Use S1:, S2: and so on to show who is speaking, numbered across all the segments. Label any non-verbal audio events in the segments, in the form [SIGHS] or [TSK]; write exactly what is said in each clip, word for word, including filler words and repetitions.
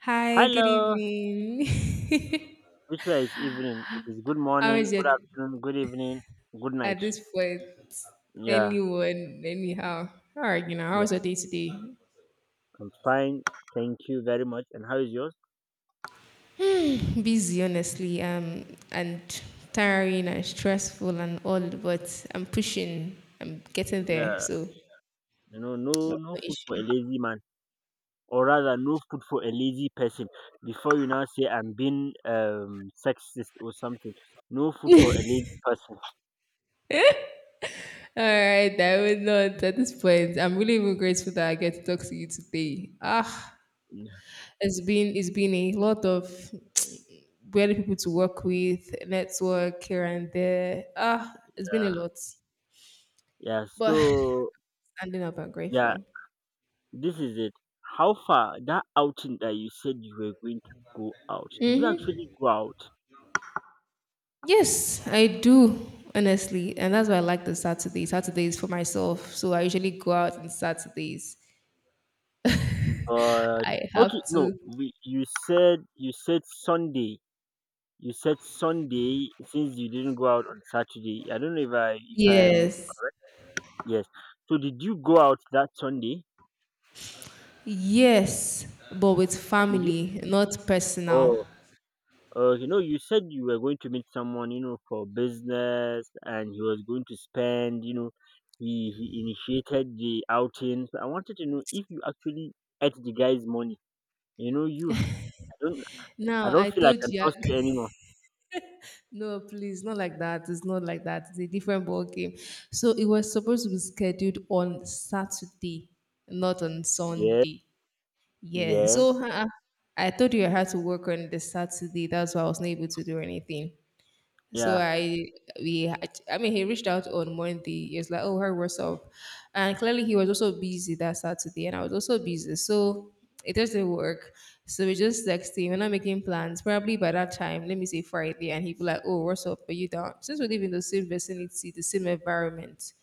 S1: Hi, good
S2: Hello.
S1: evening.
S2: Which way is evening? It is good
S1: [LAUGHS] How
S2: morning,
S1: is your
S2: good afternoon, good evening, good night.
S1: at this point?
S2: Yeah,
S1: Anyone, anyhow. All right, you know, how
S2: yeah.
S1: was your day today?
S2: I'm fine. Thank you very much. And how is yours?
S1: Hmm, Busy, honestly, um, and tiring and stressful and all, but I'm pushing. I'm getting there,
S2: Yeah,
S1: so [TSK]
S2: you know, no,
S1: what's
S2: no
S1: the
S2: food for a
S1: issue?
S2: lazy man, or rather, no food for a lazy person. Before you now say I'm being um sexist or something, no food for a lazy person.
S1: All right, I would not at this point. I'm really even grateful that I get to talk to you today. Ah,
S2: Yeah.
S1: it's been it's been a lot of weird people to work with, network here and there. Ah, it's been a lot,
S2: yeah
S1: but
S2: so
S1: standing up, and
S2: yeah,
S1: grateful.
S2: this is it. How far that outing that you said you were going to go out? Did you
S1: hmm
S2: actually go out?
S1: Yes, I do honestly, and that's why I like the Saturdays. Saturdays for myself, so I usually go out on Saturdays. [LAUGHS]
S2: But
S1: I
S2: okay,
S1: have
S2: no,
S1: to.
S2: we, you said you said Sunday. You said Sunday since you didn't go out on Saturday. I don't know if I if I'm
S1: Yes,
S2: yes. So did you go out that Sunday?
S1: yes, but with
S2: And did you?
S1: family, not personal.
S2: Oh, okay. No, you said you were going to meet someone, you know, for business, and he was going to spend. You know, he he initiated the outing. So I wanted to know if you actually ate the guy's money. You know, you I don't I
S1: Now
S2: don't
S1: I
S2: feel I
S1: told
S2: can
S1: you.
S2: trust you anymore.
S1: No, please, not like that. It's not like that. It's a different ball game. So it was supposed to be scheduled on Saturday, not on
S2: Yeah,
S1: Sunday. Yeah.
S2: yeah,
S1: So uh, I told you I had to work on the Saturday. That's why I was not able to do anything. So
S2: yeah.
S1: I we had, I mean he reached out on Monday. He was like, "Oh, her, what's up?" And clearly he was also busy that Saturday, and I was also busy, so it doesn't work. So we just texting. We're not making plans. Probably by that time, let me say Friday, and he'd be like, "Oh, what's up? Are you down?" Since we live in the same vicinity, the same environment,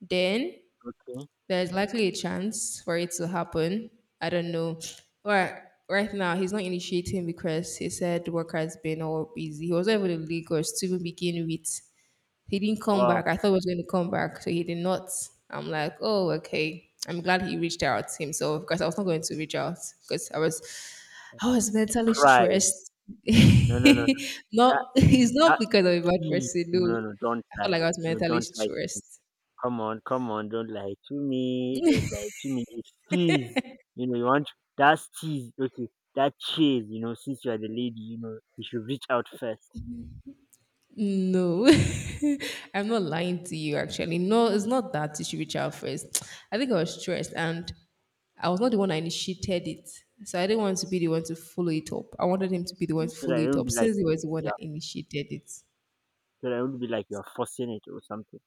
S1: then
S2: Okay.
S1: there's likely a chance for it to happen. I don't know. But right now, he's not initiating because he said work has been all busy. He was not even in Lagos to even begin with. He didn't come
S2: Wow.
S1: back. I thought he was going to come back, so he did not. I'm like, oh, okay. I'm glad he reached out himself because I was not going to reach out because I was, I was mentally
S2: Pride.
S1: stressed. [LAUGHS]
S2: No, no, no. That that
S1: not, It's not
S2: that
S1: because I'm a bad
S2: is
S1: person. No,
S2: no, no. Don't
S1: I felt
S2: lie.
S1: like I was
S2: No,
S1: mentally
S2: don't lie. to-
S1: stressed.
S2: Come on, come on. Don't lie to me. Don't lie to me. It's cheese. You know, you want That's cheese. Okay, that cheese. You know, since you are the lady, you know, you should reach out first,
S1: No, [LAUGHS] I'm not lying to you actually. No, it's not that you should reach out first. I think I was stressed and I was not the one that initiated it. So I didn't want to be the one to follow it up. I wanted him to be the one to
S2: so
S1: follow
S2: that it
S1: it
S2: will
S1: up
S2: be like,
S1: since he was the one
S2: yeah,
S1: that initiated it.
S2: so that it will be like you are forcing it or something.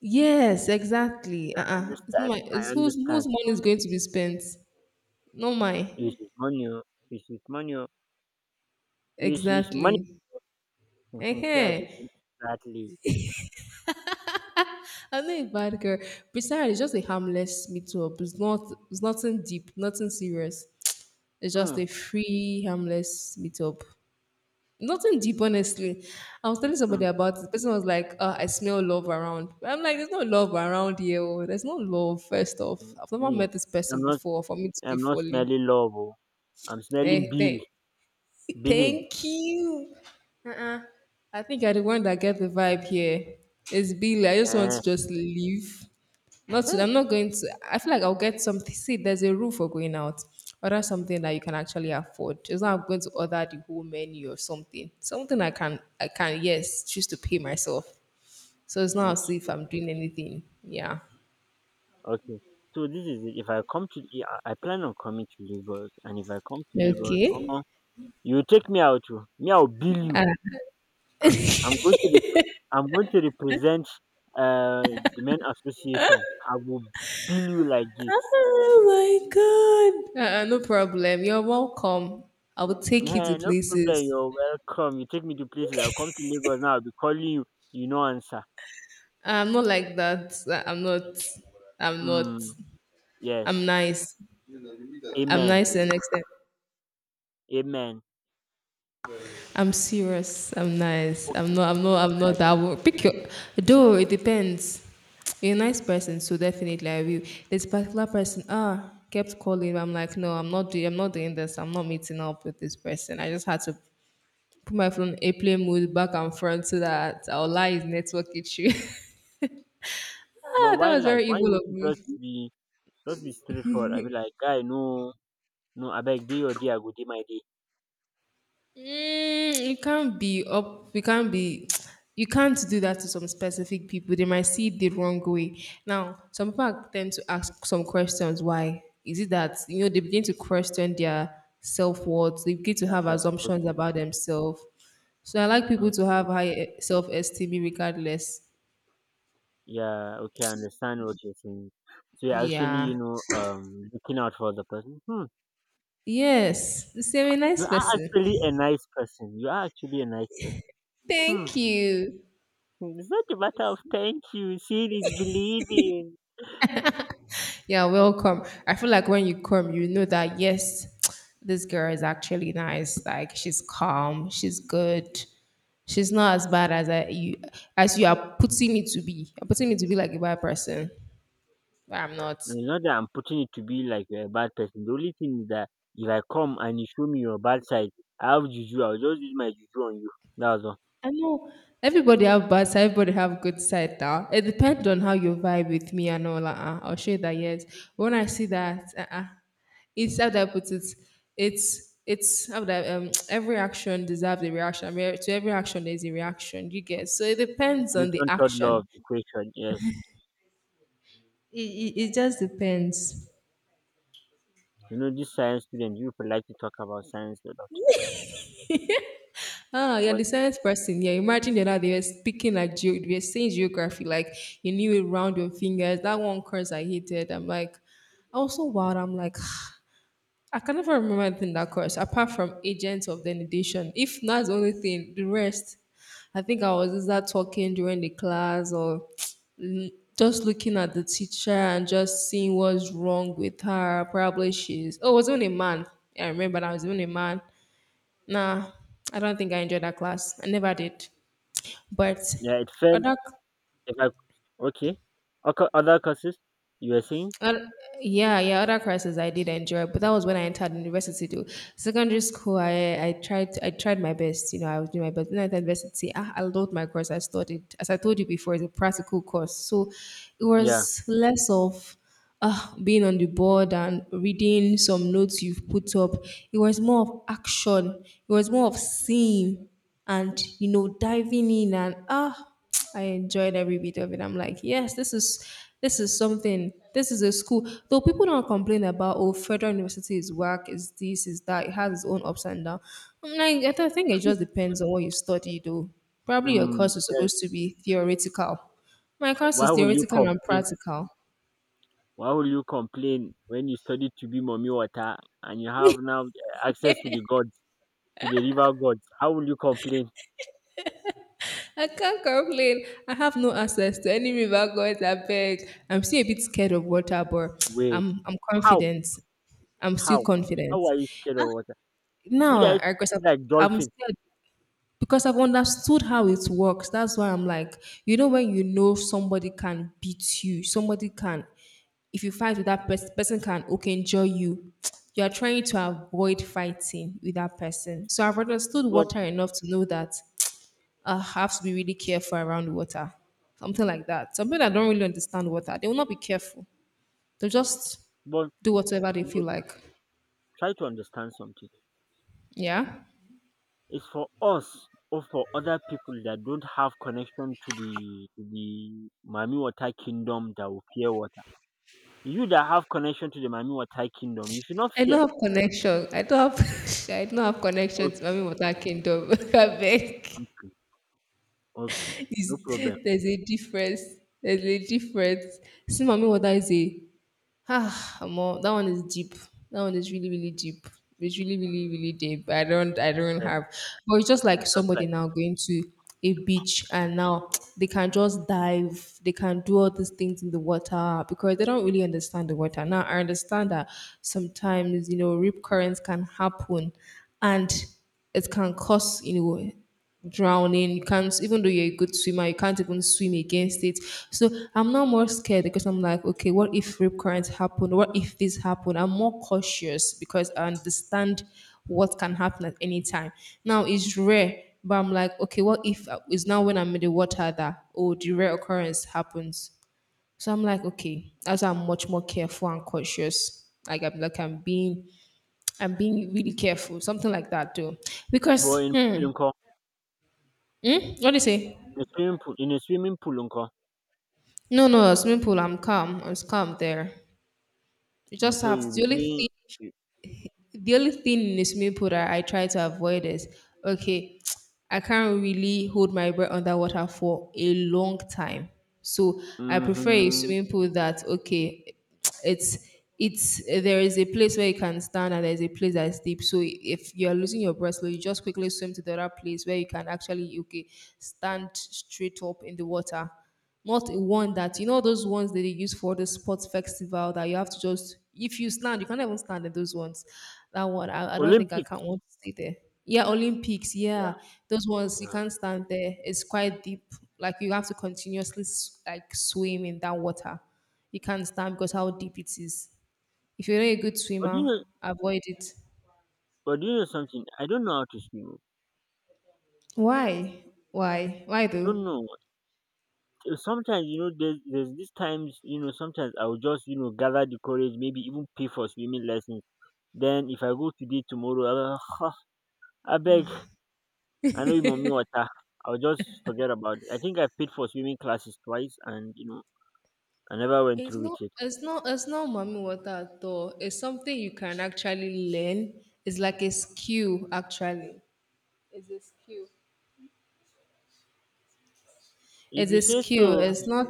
S1: Yes, exactly.
S2: I
S1: Uh-uh. It's not
S2: understand.
S1: my
S2: I
S1: it's whose
S2: understand.
S1: whose money is going to be spent. Not
S2: It
S1: mine.
S2: is money, oh. It is money, oh. It is money. [LAUGHS]
S1: Exactly.
S2: Mhm, so I should
S1: uh
S2: think exactly.
S1: I'm not a bad girl. Besides, it's just a harmless meet up. It's not it's nothing deep, nothing serious. It's just
S2: Mm,
S1: a free, harmless meetup. Nothing deep, honestly. I was telling
S2: mm.
S1: somebody about it. The person was like, uh, I smell love around. But I'm like, there's no love around here. Oh. There's no love, first off. I've never
S2: Me,
S1: met this
S2: I'm
S1: person
S2: not
S1: before for me to be
S2: I'm not
S1: fully.
S2: smelling love oh, I'm smelling
S1: Hey,
S2: bill
S1: hey.
S2: billing.
S1: Thank you. Uh-uh. I think I'm the one that get the vibe here. It's Billy. I just want
S2: Eh,
S1: to just leave. Not to,
S2: hey,
S1: I'm not going to. I feel like I'll get something. See, there's a rule for going out. Order something that you can actually afford. It's not going to order the whole menu or something. Something I can, I can, yes, choose to pay myself. So it's not as
S2: okay,
S1: if I'm doing anything. Yeah.
S2: okay. So this is it. If I come to, I I plan on coming to Lagos, and if I come to Lagos,
S1: Okay.
S2: omo, you take me out to, me I'll bill you.
S1: Ah.
S2: I,
S1: [LAUGHS]
S2: I'm going to, rep- I'm going to represent uh the men association. I will bill you like this.
S1: Oh my God. Uh, uh, no problem. You're welcome. I will take you to
S2: Hey, no problem.
S1: places.
S2: You're welcome. You take me to places. I'll come to Lagos now. I'll be calling you. You know answer.
S1: I'm not like that. I'm not. I'm not.
S2: Mm,
S1: I'm
S2: yes.
S1: nice. I'm
S2: Amen.
S1: nice to an extent.
S2: Amen.
S1: I'm serious. I'm nice. I'm
S2: Okay.
S1: not. I'm not. I'm not
S2: Like,
S1: that. wo- Pick your. Though it depends. You're a nice person, so definitely I will. This particular person, ah, kept calling. I'm like, no, I'm not doing. I'm not doing this. I'm not meeting up with this person. I just had to put my phone airplane mode back and front so that I'll lie his network issue. [LAUGHS]
S2: but
S1: Ah, that
S2: why
S1: was
S2: like
S1: very
S2: why
S1: evil
S2: would
S1: of
S2: you
S1: me.
S2: just be just be straightforward? I be like, guy, no, no, I beg day your day, I go day my day.
S1: Mm, you can't be up. You can't be. [TSK] You can't do that to some specific people. They might see it the wrong way. Now, some people are- tend to ask some questions. Why is it that you know they begin to question their self worth? They begin to
S2: That's
S1: have
S2: uh,
S1: assumptions
S2: okay,
S1: about themselves. So I like people
S2: okay.
S1: to have high self esteem regardless.
S2: Yeah, okay, I understand what you're saying. So you're actually, you
S1: Yeah.
S2: know, um, looking out for the person. Hmm.
S1: Yes. Say I'm a
S2: You
S1: nice
S2: are
S1: person.
S2: actually a nice person. You are actually a nice person. Hmm.
S1: Thank you.
S2: It's not a matter of thank you. Seeing is believing.
S1: Yeah, welcome. I feel like when you come, you know that yes, [TSK] this girl is actually nice. Like she's calm, she's good. She's not as bad as I you as you are putting me to be. You're putting me to be like a bad person, but I'm not.
S2: No, it's not that I'm putting it to be like you're a bad person. The only thing is that if I come and you show me your bad side, I have juju. I'll just use my juju on you. That's all.
S1: I know everybody have bad side, everybody have good side now. It depends on how you vibe with me and all. uh I'll show you that yes. When I see that, uh it's how do I put it? It's it's how that um [TSK] every action deserves a reaction. I mean, to every action there's a reaction. You get so it depends on the
S2: Newton third law
S1: action.
S2: of equation. Yes.
S1: It, it, it just depends.
S2: You know, this science student, you people like to talk about science a lot.
S1: Ah, you're
S2: But
S1: the science person. Yeah, imagine the other day you're speaking like geo, we are saying geography, like you knew it round your fingers. That one course I hated. I'm like, I was so wild. I'm like, I can never remember anything in that course apart from agents of denudation. If that's the only thing, the rest, I think I was either talking during the class or [TSK] l- just looking at the teacher and just seeing what's wrong with her. Probably she's oh, it was only a man. Yeah, I remember that was only a man. Nah, I don't think I enjoyed that class. I never did. But
S2: yeah, it felt
S1: other
S2: if I okay. Oco- Other courses you were saying?
S1: And Yeah, yeah, other classes I did enjoy, but that was when I entered university though. Secondary school, I, I tried I tried my best, you know, I was doing my best. When I entered university, I, I loved my course. I studied, as I told you before, it's a practical course. So it
S2: Yeah.
S1: was less of uh, being on the board and reading some notes you've put up. It was more of action. It was more of seeing and, you know, diving in and ah. I enjoyed every bit of it. I'm like, yes, this is this is something. This is a school. Though people don't complain about oh, federal university is whack, is this, is that. It has its own ups and downs. I'm like, I don't think it just depends on what you study, though. Probably your
S2: Mm,
S1: course is
S2: yes.
S1: supposed to be theoretical. My course
S2: Why
S1: is
S2: will you
S1: theoretical and
S2: complain?
S1: practical.
S2: Why will you complain when you study to be mommy water and you have now access to the gods, to the river gods? How will you complain?
S1: I can't complain. I have no access to any river gods. I beg. I'm still a bit scared of water, but
S2: Wait,
S1: I'm I'm
S2: how?
S1: confident. I'm still
S2: How?
S1: confident.
S2: How are you scared of water? You
S1: No,
S2: guys
S1: because
S2: seem like
S1: I'm, I'm
S2: dolphin,
S1: scared because I've understood how it works. That's why I'm like, you know, when you know somebody can beat you, somebody can, if you fight with that person, person can okay injure you. [TSK] You are trying to avoid fighting with that person. So I've understood
S2: but
S1: water enough to know that [TSK] I have to be really careful around water, something like that. Some people that don't really understand water, they will not be careful. They'll just
S2: but
S1: do whatever they
S2: but
S1: feel like.
S2: try to understand something.
S1: Yeah.
S2: It's for us or for other people that don't have connection to the to the Mami Water Kingdom that will fear water. You that have connection to the Mami Water Kingdom, you should not
S1: I
S2: fear.
S1: don't have connection. I don't have. [LAUGHS] I don't have connection to
S2: Okay,
S1: Mami Water Kingdom. [LAUGHS] Abeg,
S2: okay, okay, no problem.
S1: it's- there's a difference. There's a difference. See, Mami Water is a ah, more that one is deep. That one is really, really deep. It's really, really, really deep. I don't, I don't
S2: Yes,
S1: have. But it's just
S2: it's
S1: like
S2: just
S1: somebody
S2: like
S1: now going to a beach and now [TSK] they can just dive. They can do all these things in the water because they don't really understand the water. Now I understand that sometimes you know rip currents can happen, and it can cause you know drowning. You can't, even though you're a good swimmer, you can't even swim against it. So I'm now more scared because I'm like, okay, what if rip currents happen? What if this happen? I'm more cautious because I understand what can happen at any time. Now it's rare, but I'm like, okay, what if uh, it's now when I'm in the water that oh the rare occurrence happens? So I'm like, okay, as I'm much more careful and cautious. Like I'm like I'm being I'm being really careful, something like that too.
S2: but
S1: Because
S2: in pool
S1: hmm,
S2: unko,
S1: hmm what do you say?
S2: in swimming pool, in a swimming pool unko,
S1: No, no, a swimming pool. I'm calm. I'm calm there. You just
S2: so you
S1: have
S2: be
S1: the only
S2: doing.
S1: thing. The only thing in the swimming pool that I try to avoid is okay. [TSK] I can't really hold my breath underwater for a long time, so I prefer a
S2: Mm-hmm.
S1: swimming pool that okay. [TSK] It's it's there is a place where you can stand and there is a place that is deep. So if you are losing your breath, so you just quickly swim to the other place where you can actually okay stand straight up in the water, not a one that, you know, those ones that they use for the sports festival that you have to just if you stand you can't even stand in those ones. That one i, I don't think I can't
S2: Olympics,
S1: want to stay there. Yeah, olympics,
S2: yeah,
S1: yeah, those ones you
S2: yeah.
S1: can't stand there, it's quite deep. Like you have to continuously s- like swim in that water, you can't stand because how deep it is. If you're not a good
S2: But do you
S1: swimmer,
S2: know
S1: avoid it.
S2: but do you know something? I don't know how to swim, oh.
S1: Why? Why why
S2: I
S1: though?
S2: don't know. Uh, Sometimes you know there's there's these times you know sometimes I'll just you know gather the courage, maybe even pay for swimming lessons. Then if I go today tomorrow, I [SIGHS] I beg, I know you mommy water. I'll just forget about it. I think I paid for swimming classes twice, and you know I never went
S1: It's
S2: through
S1: not
S2: with it.
S1: it's not it's not mommy water at all. It's something you can actually learn. It's like a skill actually. It's a skill.
S2: If
S1: It's
S2: you
S1: a
S2: say
S1: skill.
S2: so,
S1: It's not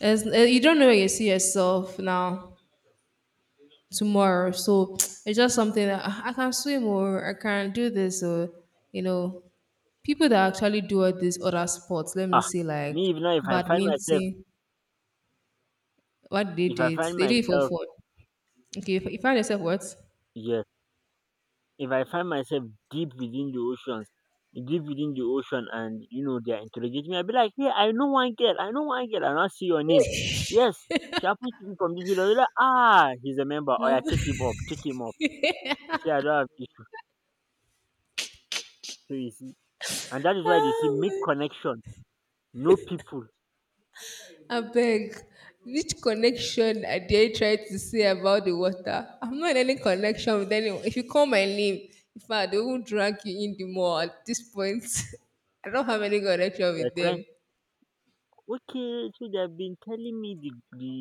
S1: it's eh, you don't know where you see yourself now tomorrow. So it's just something that, "Ah, I can swim or I can do this, or you know, people that actually do all these other sports, let me
S2: ah,
S1: say like
S2: me if now if I find myself
S1: badminton, what do they
S2: if
S1: do
S2: I
S1: it?
S2: find
S1: They do it for
S2: myself
S1: fun." Okay, if you find yourself what?
S2: yes if I find myself deep within the oceans, deep within the ocean, and you know they are interrogating me, I'll be like, "Hey, I know one girl. I know one girl. I not see your name. Yes, she happens to be from this village. Like, ah, he's a member. Oh yeah,
S1: Um,
S2: take him
S1: [LAUGHS]
S2: up. Take him up." You see, I don't have issue. So you see, and that is why they see
S1: um,
S2: make connection, no people.
S1: Abeg, which connection I dey try to say about the water? I'm not in any connection with anyone. If you call my name, if I do not drag you in the mall at this point. [LAUGHS] I don't have any connection
S2: They're
S1: with
S2: trying.
S1: them.
S2: Okay, so they have been telling me the the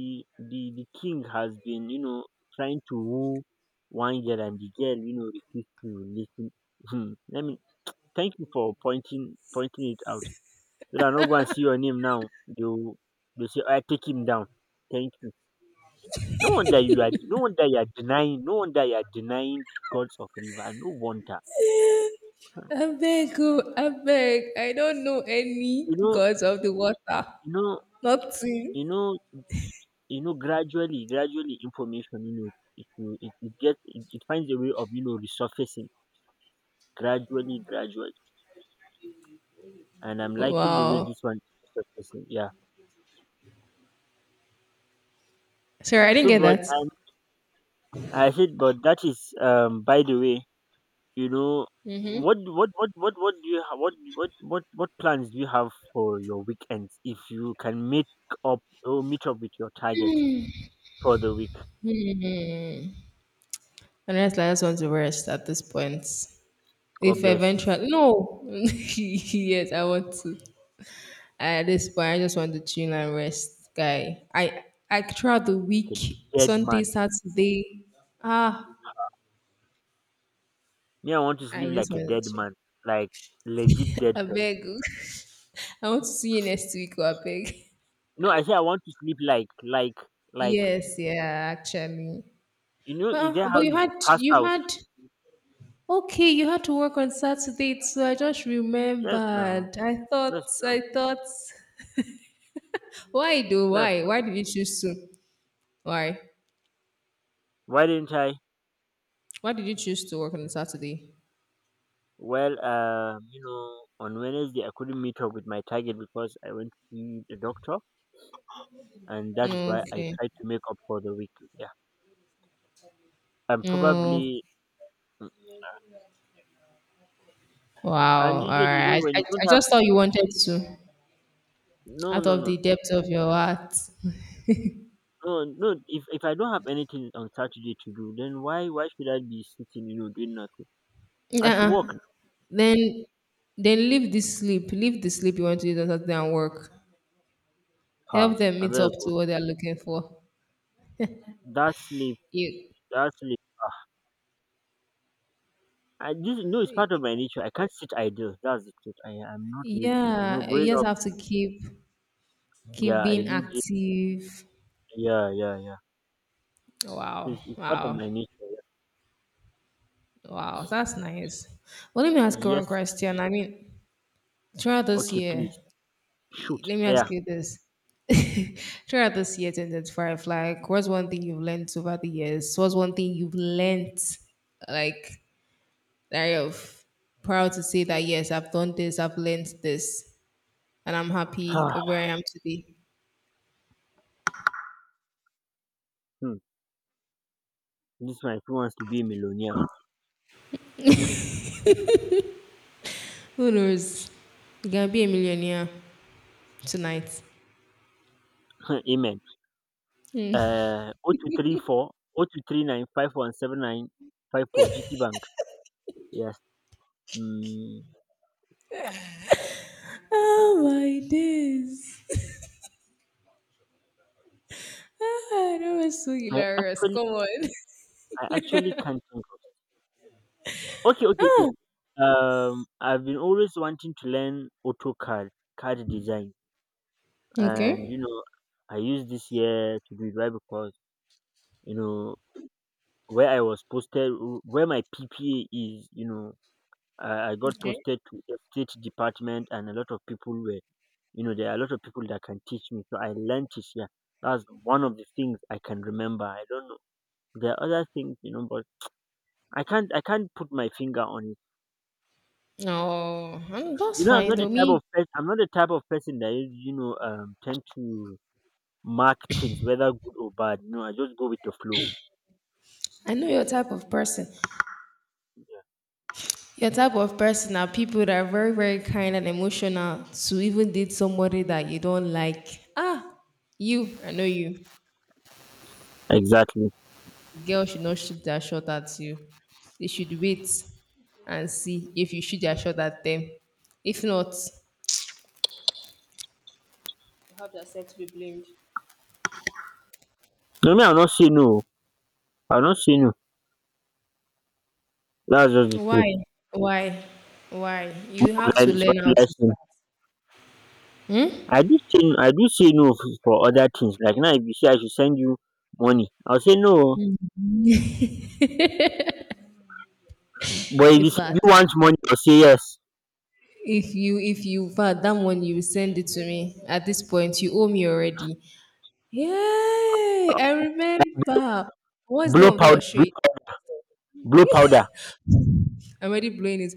S2: the, the king has been you know trying to woo one girl, and the girl you know refused to listen. Hmm, let me thank you for pointing pointing it out. So that no go and see your name now, they will they say, I take him down. Thank you. No wonder you are no wonder you are denying no wonder you are denying the gods of river. No wonder.
S1: Abeg, oh, abeg, I don't know any
S2: You know,
S1: gods of the water.
S2: you know,
S1: Nothing.
S2: you know, you know, gradually, gradually information, you know, it will it, it gets it, it finds a way of, you know, resurfacing gradually, gradually. And I'm liking the way
S1: Wow.
S2: this one is resurfacing. Yeah.
S1: Sorry, I didn't
S2: So
S1: get
S2: but
S1: that.
S2: I I said but that is um by the way. You know, what what what what what do you ha- what what what what plans do you have for your weekends if you can meet up or meet up with your target for the week?
S1: Honestly, I just want to rest at this point.
S2: God
S1: If
S2: bless you.
S1: eventually, no. [LAUGHS] Yes, I want to. At this point, I just want to chill and rest, guy. I I throughout the week,
S2: Like a dead
S1: Sunday,
S2: man.
S1: Saturday, ah,
S2: Me, I want to
S1: I
S2: sleep
S1: just
S2: like a
S1: want
S2: dead
S1: to chill.
S2: man, like legit dead
S1: I
S2: person.
S1: beg. [LAUGHS] I want to see you next week. I beg.
S2: No, I say I want to sleep like like like,
S1: Yes, yeah, actually.
S2: you know, is
S1: Well,
S2: that
S1: but
S2: how
S1: you
S2: you go
S1: had
S2: pass
S1: you
S2: out?
S1: had okay, you had to work on Saturday, so I just
S2: Yes, now.
S1: remembered. I
S2: Yes,
S1: thought
S2: now.
S1: I thought, why do
S2: Yes,
S1: why? Why
S2: now.
S1: did you choose to? Why?
S2: Why didn't I?
S1: Why did you choose to work on Saturday?
S2: Well, um, you know, on Wednesday I couldn't meet up with my target because I went to see the doctor, and that is why I
S1: Okay.
S2: try to make up for the week. Yeah, and probably, mm, and
S1: Wow. All
S2: usually, you
S1: right.
S2: know,
S1: I,
S2: when
S1: I,
S2: you
S1: I
S2: don't have,
S1: just thought you wanted to
S2: no,
S1: out
S2: no,
S1: of
S2: no,
S1: the depth of your heart.
S2: no, no. If if I don't have anything on Saturday to do, then why why should I be sitting, you know, doing nothing? I should
S1: Uh-uh.
S2: work.
S1: Then then leave the sleep. Leave the sleep you want to use on Saturday and work.
S2: Ah,
S1: Help them
S2: I
S1: meet
S2: better
S1: up
S2: go.
S1: to what they're looking for.
S2: That sleep,
S1: You,
S2: that sleep. Ah, I this no, it's part of my nature. I can't sit idle. That's the truth. I I'm not used to it. You know,
S1: yeah, you
S2: growing
S1: just
S2: up,
S1: have to keep keep
S2: yeah, I
S1: being
S2: do. This,
S1: active.
S2: yeah, yeah, yeah.
S1: Wow,
S2: It's, it's part of
S1: wow,
S2: my nature. Yeah.
S1: wow. That's nice. Well, let me ask you one
S2: Yes.
S1: question. I mean, throughout this
S2: Okay,
S1: year,
S2: please shoot.
S1: let me ask
S2: Yeah.
S1: you this. [LAUGHS] Throughout this year twenty twenty-five, like, what's one thing you've learned over the years? What's one thing you've learned, like, that you're f- proud to say that, yes, I've done this, I've learned this, and I'm happy of where
S2: [SIGHS]
S1: I am today?
S2: Hmm. This one fit wants to be a millionaire.
S1: Who knows? You're going to be a millionaire tonight.
S2: [LAUGHS] Um amen.
S1: Hmm. [LAUGHS]
S2: Um oh two three four, oh two three nine five one seven nine five four, G T Bank. Yes. um
S1: Oh my days. Ah, that was so
S2: I
S1: hilarious.
S2: actually
S1: Come on.
S2: I actually can't think of. Okay, okay, okay.
S1: [LAUGHS] Ah.
S2: um I've been always wanting to learn AutoCAD CAD design, and you
S1: Okay.
S2: know I used this year to do it, why? Because you know where I was posted, where my P P A is, you know, I, I got
S1: Okay.
S2: posted to a state department, and a lot of people were, you know, there are a lot of people that can teach me, so I learned it here. That's one of the things I can remember. I don't know. There are other things, you know, but I can't I can't put my finger on it.
S1: No, um,
S2: You
S1: that's
S2: know, I'm
S1: fine
S2: not the
S1: though.
S2: type
S1: Me,
S2: of person. I'm not the type of person that is, you know, um tend to mark things whether good or bad. You know, I just go with the flow.
S1: I know your type of person. Your type of person are people that are very, very kind and emotional to even date somebody that you don't like. Ah, you, I know you.
S2: Exactly.
S1: Girl should not shoot their shot at you. They should wait and see if you shoot their shot at them. If not, you have yourself to be blamed.
S2: No, me, I'll not say no. I'll not say no. That's just the truth.
S1: Why? Why? Why? You
S2: More
S1: have
S2: like
S1: to
S2: it's
S1: learn how
S2: one
S1: to
S2: lesson.
S1: start. Hmm?
S2: I do say I do say no f- for other things. Like now, if you say I should send you money, I'll say no. But if
S1: In
S2: you say, do
S1: fact,
S2: you want money? You'll say yes.
S1: if you if you in fact that one you will send it to me at this point, you owe me already. Yay! I remember. What's the name
S2: Blow
S1: of that your
S2: powder. Blow,
S1: shoe?
S2: blow powder.
S1: I'm already blowing it.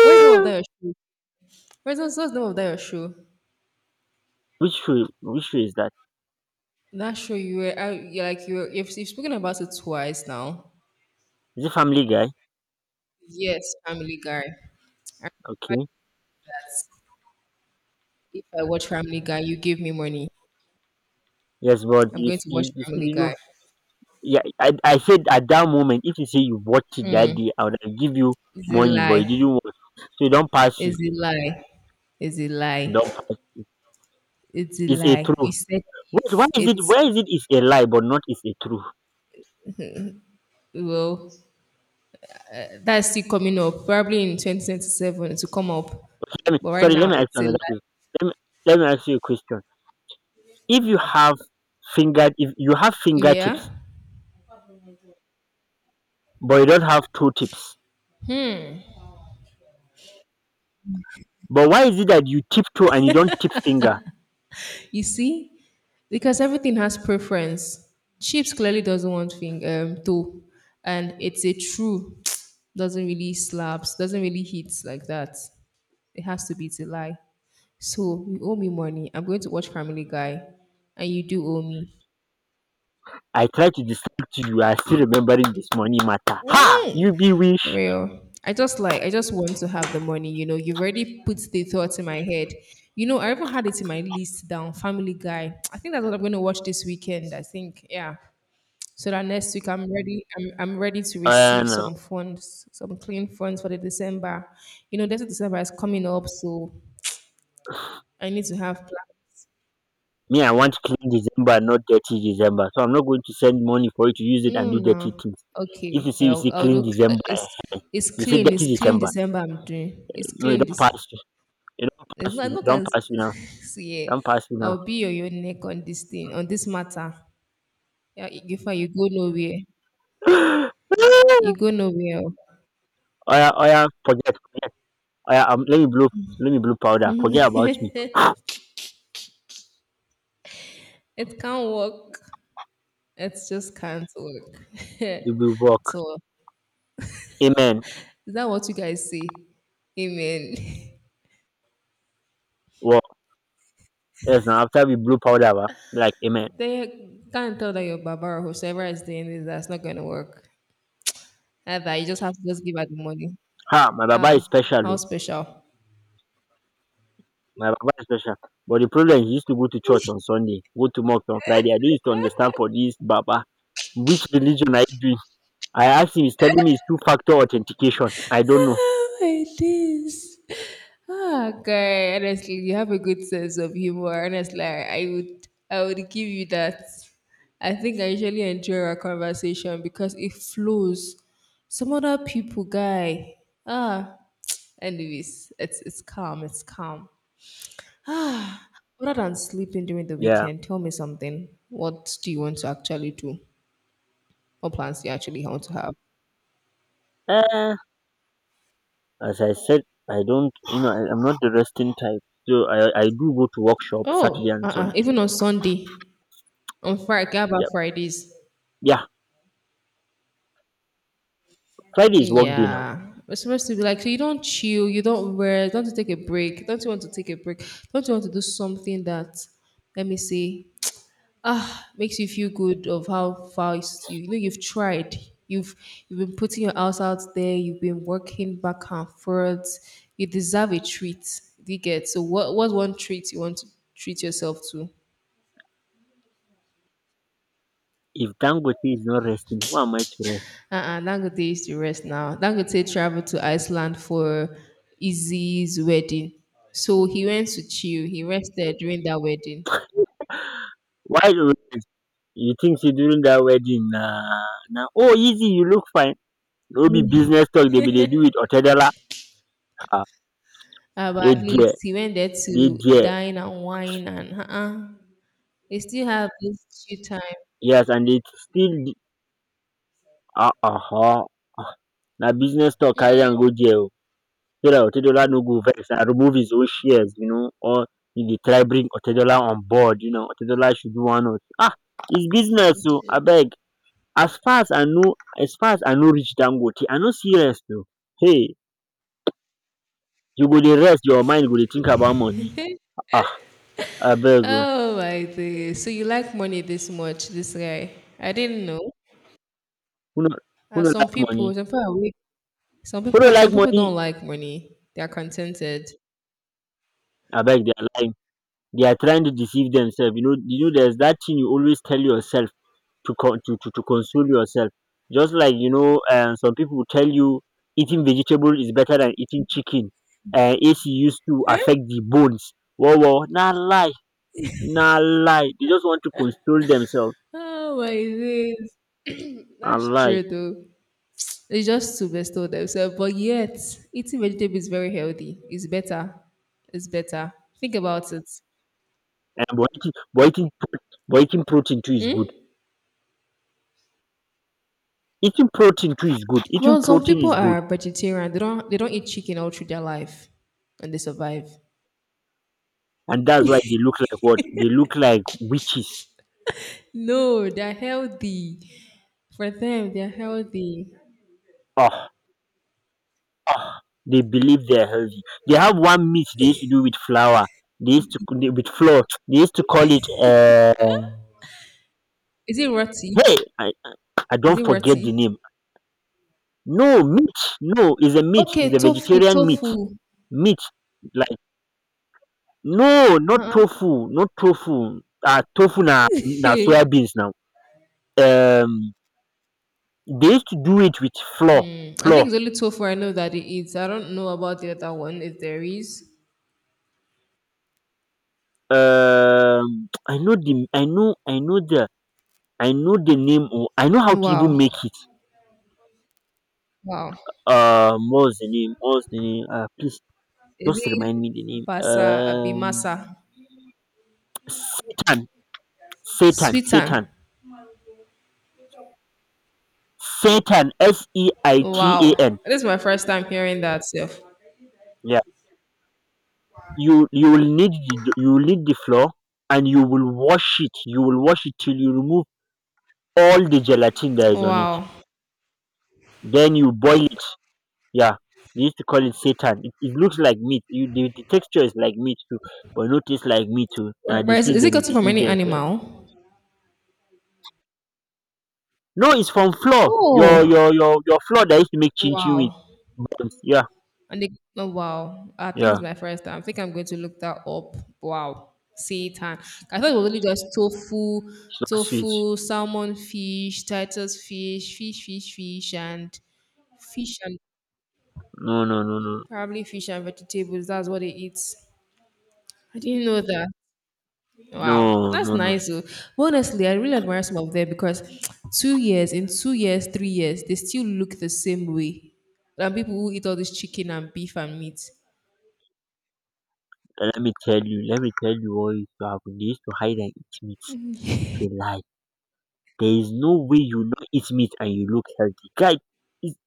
S1: What's the name of that your shoe? What's, what's what's the name of that your shoe?
S2: which show? Which show is that?
S1: That show you were, I, you're like you. Were, if you've spoken about it twice now.
S2: Is it Family Guy?
S1: Yes, Family Guy. But
S2: Okay.
S1: if I watch Family Guy, you give me money.
S2: Yes, but
S1: I'm
S2: you
S1: going
S2: s-
S1: to watch
S2: you, you see,
S1: Family
S2: you know,
S1: Guy.
S2: yeah, I, I said at that moment, if you say you watched it that day, I would have give you
S1: It's a
S2: money, but you
S1: lie.
S2: didn't watch. So it don't pass you.
S1: It's a lie. It's a
S2: It
S1: lie.
S2: don't pass.
S1: It's a
S2: It's a
S1: lie.
S2: true.
S1: You said
S2: Wait, why
S1: if
S2: is it? Why
S1: it's,
S2: is it? Is a lie, but not is a true.
S1: well, that's still coming up, probably in two thousand twenty-seven to come up.
S2: Let me,
S1: But right
S2: sorry, let
S1: now,
S2: me ask you
S1: it's a
S2: another
S1: lie.
S2: question. Let me, let me ask you a question. If you have finger, if you have fingertips
S1: Yeah.
S2: but you don't have two tips. But why is it that you tip toe and you don't tip finger?
S1: You see, because everything has preference. Chips clearly doesn't want thing, um, toe, and it's a true, [TSK] doesn't really slaps, doesn't really hit like that. It has to be, it's a lie. So you owe me money. I'm going to watch Family Guy, and you do owe me.
S2: I try to distract you. You are still remembering this money matter. Ha!
S1: Mm.
S2: You be wish.
S1: Real. I just like I just want to have the money, you know. You've already put the thoughts in my head. You know, I even had it in my list down, Family Guy. I think that's what I'm gonna watch this weekend. I think, yeah. So that next week I'm ready, I'm I'm ready to
S2: Uh,
S1: receive
S2: no.
S1: some funds, some clean funds for the December. You know, next December is coming up, so I need to have plan.
S2: Me, I want clean December, not dirty December. So I'm not going to send money for you to use it
S1: No,
S2: and do dirty
S1: no.
S2: things. If you
S1: Okay.
S2: see, you
S1: I'll,
S2: see
S1: I'll
S2: clean
S1: do
S2: December, eh.
S1: it's it's
S2: You see
S1: clean,
S2: dirty
S1: it's clean
S2: December.
S1: December I'm doing. It's
S2: No, you
S1: clean
S2: don't
S1: this.
S2: pass. You You don't
S1: It's
S2: pass.
S1: not, I
S2: You
S1: no
S2: don't
S1: can
S2: pass me now.
S1: [LAUGHS] see
S2: Don't pass me now.
S1: I'll be on your neck on this thing, on this matter. Yeah, if you go nowhere,
S2: [GASPS] [LAUGHS] Oh
S1: you go nowhere.
S2: yeah, oh yeah. Forget. Oh yeah. Um, let me blow. Let me blow powder. Forget about me.
S1: It can't work. It just can't work. [LAUGHS]
S2: You will work.
S1: So
S2: Amen.
S1: is that what you guys say? Amen.
S2: Well, yes. Now after we blew powder ba like amen.
S1: [LAUGHS] They can't tell that your baba or whosoever is doing this that's not gonna work. Either you just have to just give her the money.
S2: Ha, my baba is
S1: Ah, how
S2: special oh,
S1: special.
S2: my baba is special, but the problem is, he used to go to church on Sunday, go to mosque on Friday. I no used to understand for this baba, which religion are you doing? I asked him, he's telling me it's two factor authentication. I don't know.
S1: It is. Ah, guy, honestly, you have a good sense of humor. Honestly, I I would, I would give you that. I think I usually enjoy our conversation because it flows. Some other people, guy. Ah, anyways, it's it's calm. It's calm. Ah, other than sleeping during the
S2: Yeah.
S1: weekend, tell me something. What do you want to actually do? What plans do you actually want to have?
S2: Eh, as I said, I don't you know, I, I'm not the resting type. So I I do go to workshop Saturday
S1: Oh,
S2: and
S1: uh-uh.
S2: Sunday.
S1: Even on Sunday, on Friday, about
S2: Yeah.
S1: Fridays?
S2: Yeah. Friday is work day now.
S1: Yeah, we're supposed to be like, so you don't chill, you don't rest, don't you take a break, don't you want to take a break, don't you want to do something that, let me see, ah, makes you feel good of how far it's- you, you know, you've tried, you've you've been putting your house out there, you've been working back and forth, you deserve a treat. Do you get so what? What's one treat you want to treat yourself to?
S2: If Dangote is not resting, who am I to rest?
S1: Uh-uh, Dangote used to rest now. Dangote traveled to Iceland for Izzy's wedding. So he went to chill. He rested during that wedding.
S2: Why do you think sey during dat wedding na na “oh easy you look fine” no be business talk dem bin dey do wit otedola? um
S1: Uh, but
S2: dey
S1: at
S2: there
S1: least he went there
S2: dey
S1: to
S2: there
S1: dine and wine and uh-uh. They still have this chill time.
S2: yes and dey still oho, na business talk carry am go there o, so dat otedola no go vex and remove his own shares, you know, or you dey try bring otedola on board, you know otedola should do one or two um his business o abeg. As far as I no, as far as I no reach dangote I no see rest o, hey, you go dey rest your mind go dey think about money. Ah, abeg oh,
S1: Oh my days. So you like money this much, this guy. I didn't know.
S2: who no who
S1: Uh,
S2: no
S1: some
S2: like
S1: people,
S2: money,
S1: some people, are weak. Some
S2: who no
S1: people,
S2: like
S1: some people
S2: money,
S1: don't like money. They are contented.
S2: I beg. They are lying, they are trying to deceive themselves. You know, you know there's that thing you always tell yourself to con to to to console yourself, just like, you know, um some people will tell you eating vegetable is better than eating chicken, um A C used to affect the bones. Omo na lie, na lie, they just want to console themselves.
S1: Oh my days.
S2: Na
S1: That's
S2: lie.
S1: true though. It's just to bestow themselves. But yet, eating vegetable is very healthy. It's better. It's better. Think about it.
S2: And but eating but eating but eating protein too is good, eating protein too is good, eating
S1: Well, some
S2: protein
S1: people
S2: is good.
S1: are vegetarian. They don't they don't eat chicken all through their life and they survive.
S2: And that's why they look like, what they look like, witches.
S1: No, they're healthy. For them, they're healthy.
S2: Oh, oh, they believe they're healthy. They have one myth they used to do with flour. They used to they- With flour. They used to call it. Uh,
S1: Is it roti?
S2: hey, I, I
S1: Is
S2: don't
S1: it
S2: forget
S1: roti?
S2: the name. No meat. No, is a meat.
S1: Okay,
S2: Is a
S1: tofu,
S2: vegetarian meat.
S1: tofu.
S2: Meat like, no, not
S1: Uh-uh.
S2: tofu. Not tofu. Ah, tofu na na soya
S1: [LAUGHS]
S2: beans now. Um, they used to do it with flour.
S1: I
S2: Flour.
S1: think it's only tofu I know that it eats. I don't know about the other one if there is.
S2: Um I know the I know, I know the I know the name oo, I know how to even make
S1: Wow.
S2: it.
S1: Wow.
S2: um what's the name What's the name? Uh, please
S1: Is
S2: just
S1: it
S2: remind me the name
S1: Basa
S2: um
S1: Abimasa?
S2: Satan, Satan,
S1: Sweetan.
S2: Satan, Satan. S e I t a
S1: Wow.
S2: n.
S1: This is my first time hearing that self.
S2: Yeah, you you will need the, you will need the flour, and you will wash it, you will wash it till you remove all the gelatin that is on it,
S1: Wow.
S2: then you boil it. Yeah, they used to call it seitan. It, it looks like meat. You, the, the texture is like meat too, but no taste like meat too. Nah,
S1: Where, where is,
S2: deceive
S1: is it
S2: them, they
S1: gotten from
S2: deceive
S1: any
S2: themselves.
S1: animal?
S2: No, it's from flour. Your
S1: Oh.
S2: your your your flour that used to make chin chin with.
S1: Wow.
S2: Buns. Yeah,
S1: And they, oh, wow. I think it's
S2: yeah.
S1: my first time. I think I'm going to look that up. Wow. Seitan. I thought it was only just tofu,
S2: It's not sweet.
S1: tofu, salmon fish, titus fish, fish, fish, fish, and fish and
S2: No, no, no, no,
S1: probably fish and vegetables. That's what they eat. I didn't know that. Wow,
S2: no,
S1: that's
S2: no, no. no.
S1: nice. Though. But honestly, I really admire some of them because [TSK] two years, in two years, three years, they still look the same way than people who eat all this chicken and beef and meat.
S2: And let me tell you. Let me tell you what used to happen. They used to hide and eat meat. It's a lie. There is no way you not eat meat and you look healthy, guy. It's,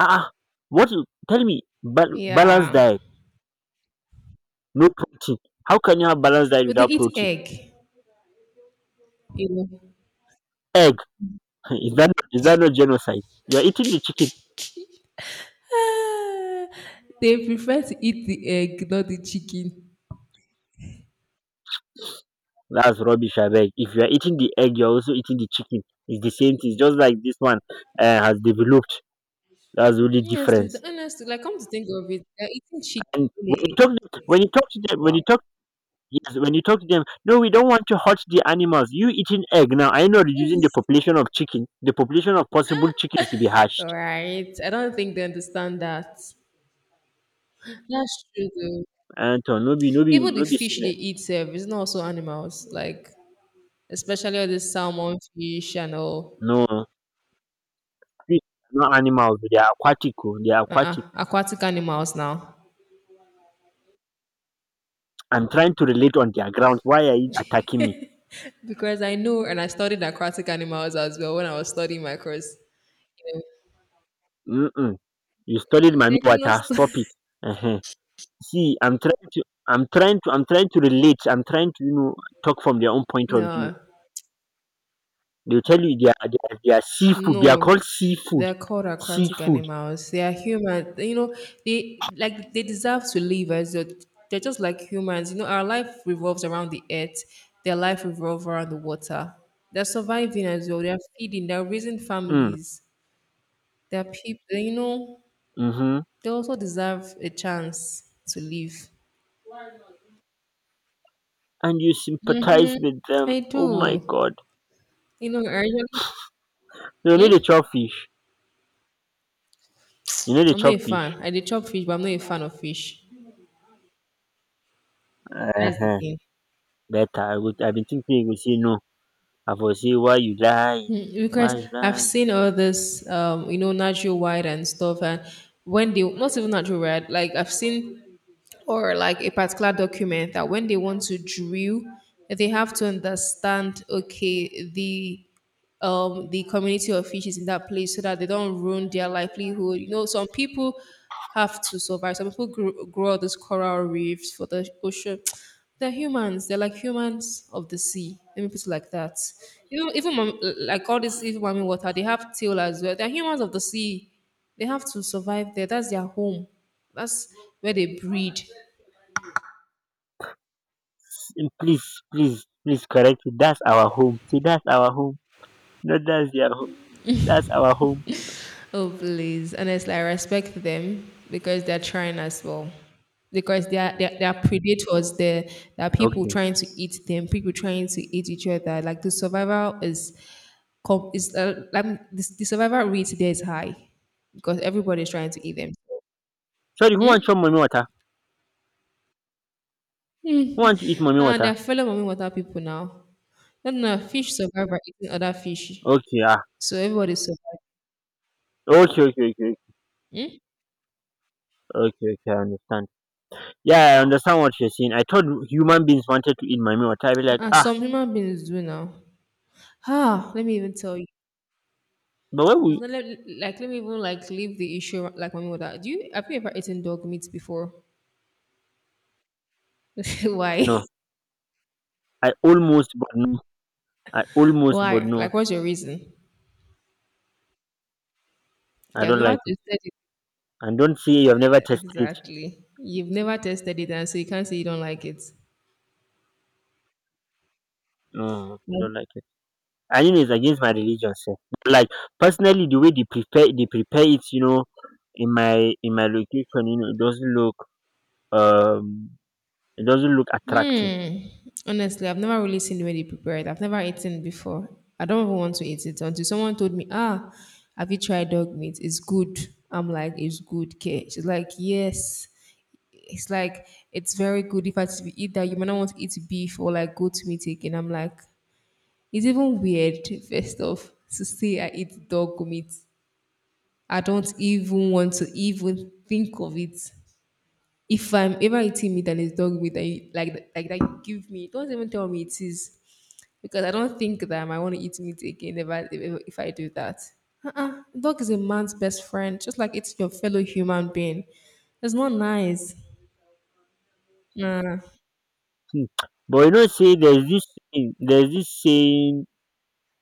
S2: ah, ah. What? you- Tell me, ba- balance
S1: Yeah,
S2: diet. No protein. How can you have balanced diet
S1: but they
S2: without
S1: eat
S2: protein?
S1: egg. You know, [SIGHS]
S2: Egg [LAUGHS] is that, is that not genocide? You are eating the chicken.
S1: ah, they prefer to eat the egg, not the chicken.
S2: That's rubbish, abeg. If you are eating the egg, you are also eating the chicken. It's the same thing. It's just like this one uh, has developed. That's the only
S1: Honestly,
S2: difference.
S1: the- honestly, like come to think of it, they're eating chicken
S2: And
S1: in
S2: when
S1: the
S2: you
S1: egg.
S2: talk, when you talk to them, when you
S1: Wow.
S2: talk, yes, when you talk to them, no, we don't want to hurt the animals. You eating egg now? I know reducing the
S1: [LAUGHS]
S2: population of chicken, the population of possible chickens to be
S1: All
S2: hatched.
S1: right. I don't think they understand that. That's true though.
S2: And uh, no be, no be,
S1: Even the
S2: no be
S1: fish they
S2: sickness.
S1: eat sef, is not also animals. Like especially all this salmon fish and all
S2: No, fish are not animals, they are aquatic oh, they are
S1: uh-uh,
S2: aquatic.
S1: aquatic animals now.
S2: I'm trying to relate on their ground, why are you attacking me?
S1: Because I know and I studied aquatic animals as well when I was studying my course.
S2: Mm-mm. You studied my
S1: Like,
S2: mi-
S1: not
S2: water,
S1: stu-
S2: stop it. Ehen. See I'm trying to I'm trying to I'm trying to relate, I'm trying to, you know, talk from their own
S1: [LAUGHS]
S2: point of view.
S1: no.
S2: They'll tell you they are they are, they are seafood, they are
S1: No,
S2: called seafood.
S1: they're called aquatic
S2: Seafood.
S1: animals. They are human. You know, they like they deserve to live as a, they're just like humans. You know, our life revolves around the earth. Their life revolves around the water. They're surviving as well. They're feeding. They're raising
S2: Mm.
S1: families. They're people. You know,
S2: Mm-hmm.
S1: they also deserve a chance to live.
S2: And you sympathize
S1: Mm-hmm.
S2: with them.
S1: I
S2: Oh my
S1: do.
S2: god.
S1: You know, I really,
S2: No, you know
S1: hmm?
S2: they chop fish. You know they
S1: I'm not
S2: chop
S1: a fan.
S2: fish.
S1: I did chop fish, but I'm not a fan of fish. That's the
S2: Uh-huh.
S1: thing.
S2: Better. I would I've been thinking you would say no. I for say why you lie,
S1: Mm, because
S2: why you
S1: I've
S2: lie.
S1: seen all this, um, you know, natural white and stuff, and when they not even natural white, like I've seen or like a particular document that when they want to drill, they have to understand okay the um the community of fish is in that place so that they don't ruin their livelihood. You know, some people have to survive. Some people grow, grow all these coral reefs for the ocean. [TSK] They're humans. They're like humans of the sea. Let me put it like that. You know, even mam- like all this even mami water, they have tail as well. They're humans of the sea. They have to survive there. That's their home. That's where they breed.
S2: Mm, please, please, please correct it. That's our home, see, that's our home, not that's their home, that's our home.
S1: Oh, please. Honestly, I respect them because they're trying as well. Because they are, they are, they are predators. There, there are people
S2: Okay.
S1: trying to eat them, people trying to eat each other. Like the survival is, com- is uh, like, the, the survival rate there is high because everybody is trying to eat them.
S2: Sorry, who wan chop
S1: Hmm?
S2: mommy water, who want to eat mommy
S1: And
S2: water?
S1: they're fellow mommy water people now. No, no, fish survive by eating other fish.
S2: Okay. Ah,
S1: So everybody survives.
S2: okay okay okay okay okay okay, I understand. Yeah, I understand what you're saying, I thought human beings wanted to eat mommy water, I be like
S1: And
S2: ah.
S1: some human beings do now. Ah, let me even tell you.
S2: But why
S1: It's
S2: we?
S1: not let, like let me even like leave the issue like my mother. Do you have you ever eaten dog meat before? [LAUGHS] Why?
S2: No I almost but no I almost but
S1: Why?
S2: no
S1: Like what's your reason?
S2: I
S1: You've
S2: don't
S1: never
S2: like it,
S1: tested it
S2: and don't say you've never tasted it.
S1: exactly. You've never tested it and so you can't say you don't like it.
S2: No, I
S1: Yeah.
S2: don't like it. I mean, it's against my religion, sir. Like, personally, the way they prepare they prepare it, you know, in my, in my location, you know, it doesn't look, um it doesn't look attractive.
S1: Hmm. Honestly, I've never really seen the way they prepare it. I've never eaten before. I don't even want to eat it until someone told me, ah, have you tried dog meat? It's good. I'm like, it's good, okay. She's like, yes. It's like it's very good if I had to eat that. You might not want to eat beef or like go to meat again. I'm like, it's even weird. First off, to say I eat dog meat, I don't even want to even think of it. If I'm ever eating meat and it's dog meat, and you, like like that, you give me. Don't even tell me it is because I don't think that I might want to eat meat again if I if, if I do that. Uh-uh. Dog is a man's best friend, just like it's your fellow human being. It's not nice. Nah.
S2: Hmm. But you know say there's this thing there's this saying,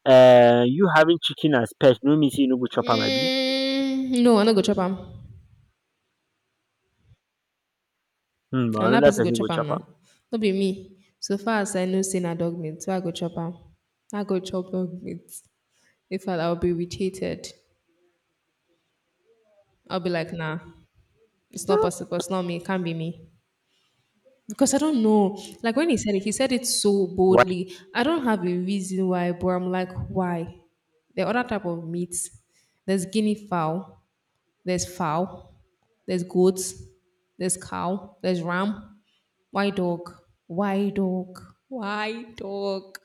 S2: uh you having chicken as pet no mean say you no go chop am abi.
S1: Mm, no, I no go chop am.
S2: Hmm, but
S1: And that
S2: another
S1: person go
S2: person go
S1: chop
S2: chop
S1: am
S2: am.
S1: now. No be me. So far as I know say na dog meat, so I go chop am. I go chop dog meat. In fact, I'll be irritated. I'll be like, nah, it's not
S2: Hmm.
S1: possible. It's not me. It can't be me. Because I don't know. Like when he said it, he said it so
S2: Why?
S1: boldly. I don't have a reason why, but I'm like, why? There are other type of meats. There's guinea fowl. There's fowl. There's goats. There's cow. There's ram. Why dog? Why dog? Why dog?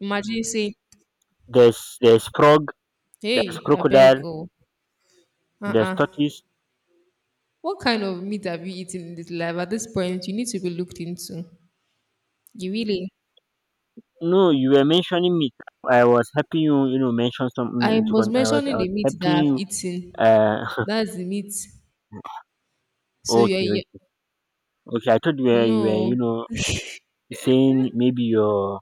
S1: Imagine you say,
S2: There's there's frog, there's
S1: hey, I beg
S2: crocodile,
S1: go.
S2: there's
S1: Uh-uh.
S2: tortoise.
S1: What kind of meat have you eaten in this life? At this point, you need to be looked into. You really?
S2: No, you were mentioning meat. I was helping you, you know, mention something
S1: I
S2: into
S1: was
S2: con- I was I
S1: mentioning the
S2: was
S1: meat
S2: helping
S1: that I've
S2: you
S1: eaten.
S2: uh
S1: That's the meat. So yeah,
S2: Okay,
S1: yeah.
S2: okay, okay. I thought you were, you were, you
S1: No,
S2: know, saying maybe your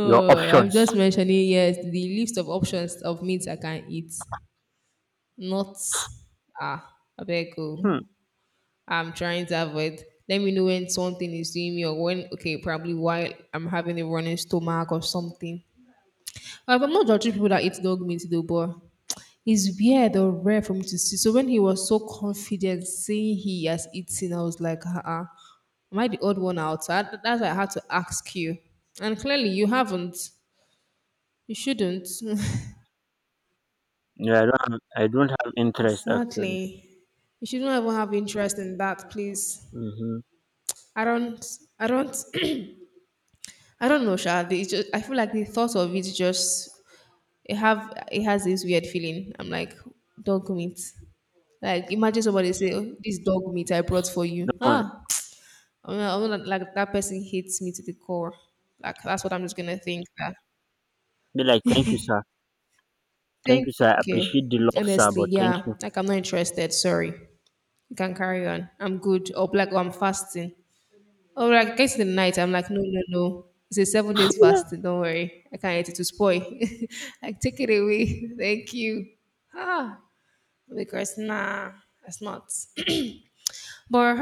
S2: your
S1: I'm
S2: options.
S1: just mentioning yes the list of options of meats I can eat. Not ah, I beg go.
S2: Hmm.
S1: I'm trying to avoid. Let me know when something is doing me or when, okay, probably while I'm having a running stomach or something. Uh, but I'm not judging people that eat dog meat though, but it's weird or rare for me to see. So when he was so confident saying he has eaten, I was like, uh-uh, am I the odd one out? So I, that's why I had to ask you. And clearly you haven't. You shouldn't.
S2: Yeah, I don't have, I don't have
S1: [LAUGHS]
S2: interest actually.
S1: Exactly. You shouldn't even have interest in that, please.
S2: Mm-hmm.
S1: I don't. I don't. I don't know, Sha. They just, I feel like the thought of it just it have it has this weird feeling. I'm like dog meat. Like imagine somebody say, oh, "This dog meat I brought for you."
S2: No,
S1: Ah, [TSK] I'm not, I'm not- like that person hates me to the core. Like that's what I'm just gonna think. That.
S2: be like thank you, sir. Thank
S1: Thank
S2: you, sir.
S1: you,
S2: I
S1: okay.
S2: appreciate the love, sir,
S1: Honestly,
S2: but thank
S1: yeah.
S2: you.
S1: Like I'm not interested. Sorry. You can carry on. I'm good. Or like, oh, I'm fasting. Oh, like gets to the night, I'm like, no, no, no. It's a seven days
S2: [LAUGHS]
S1: fasting. Don't worry, I can't eat it to spoil. [LAUGHS] Like, take it away. [LAUGHS] Thank you. Ah, because nah, that's not. [CLEARS THROAT] But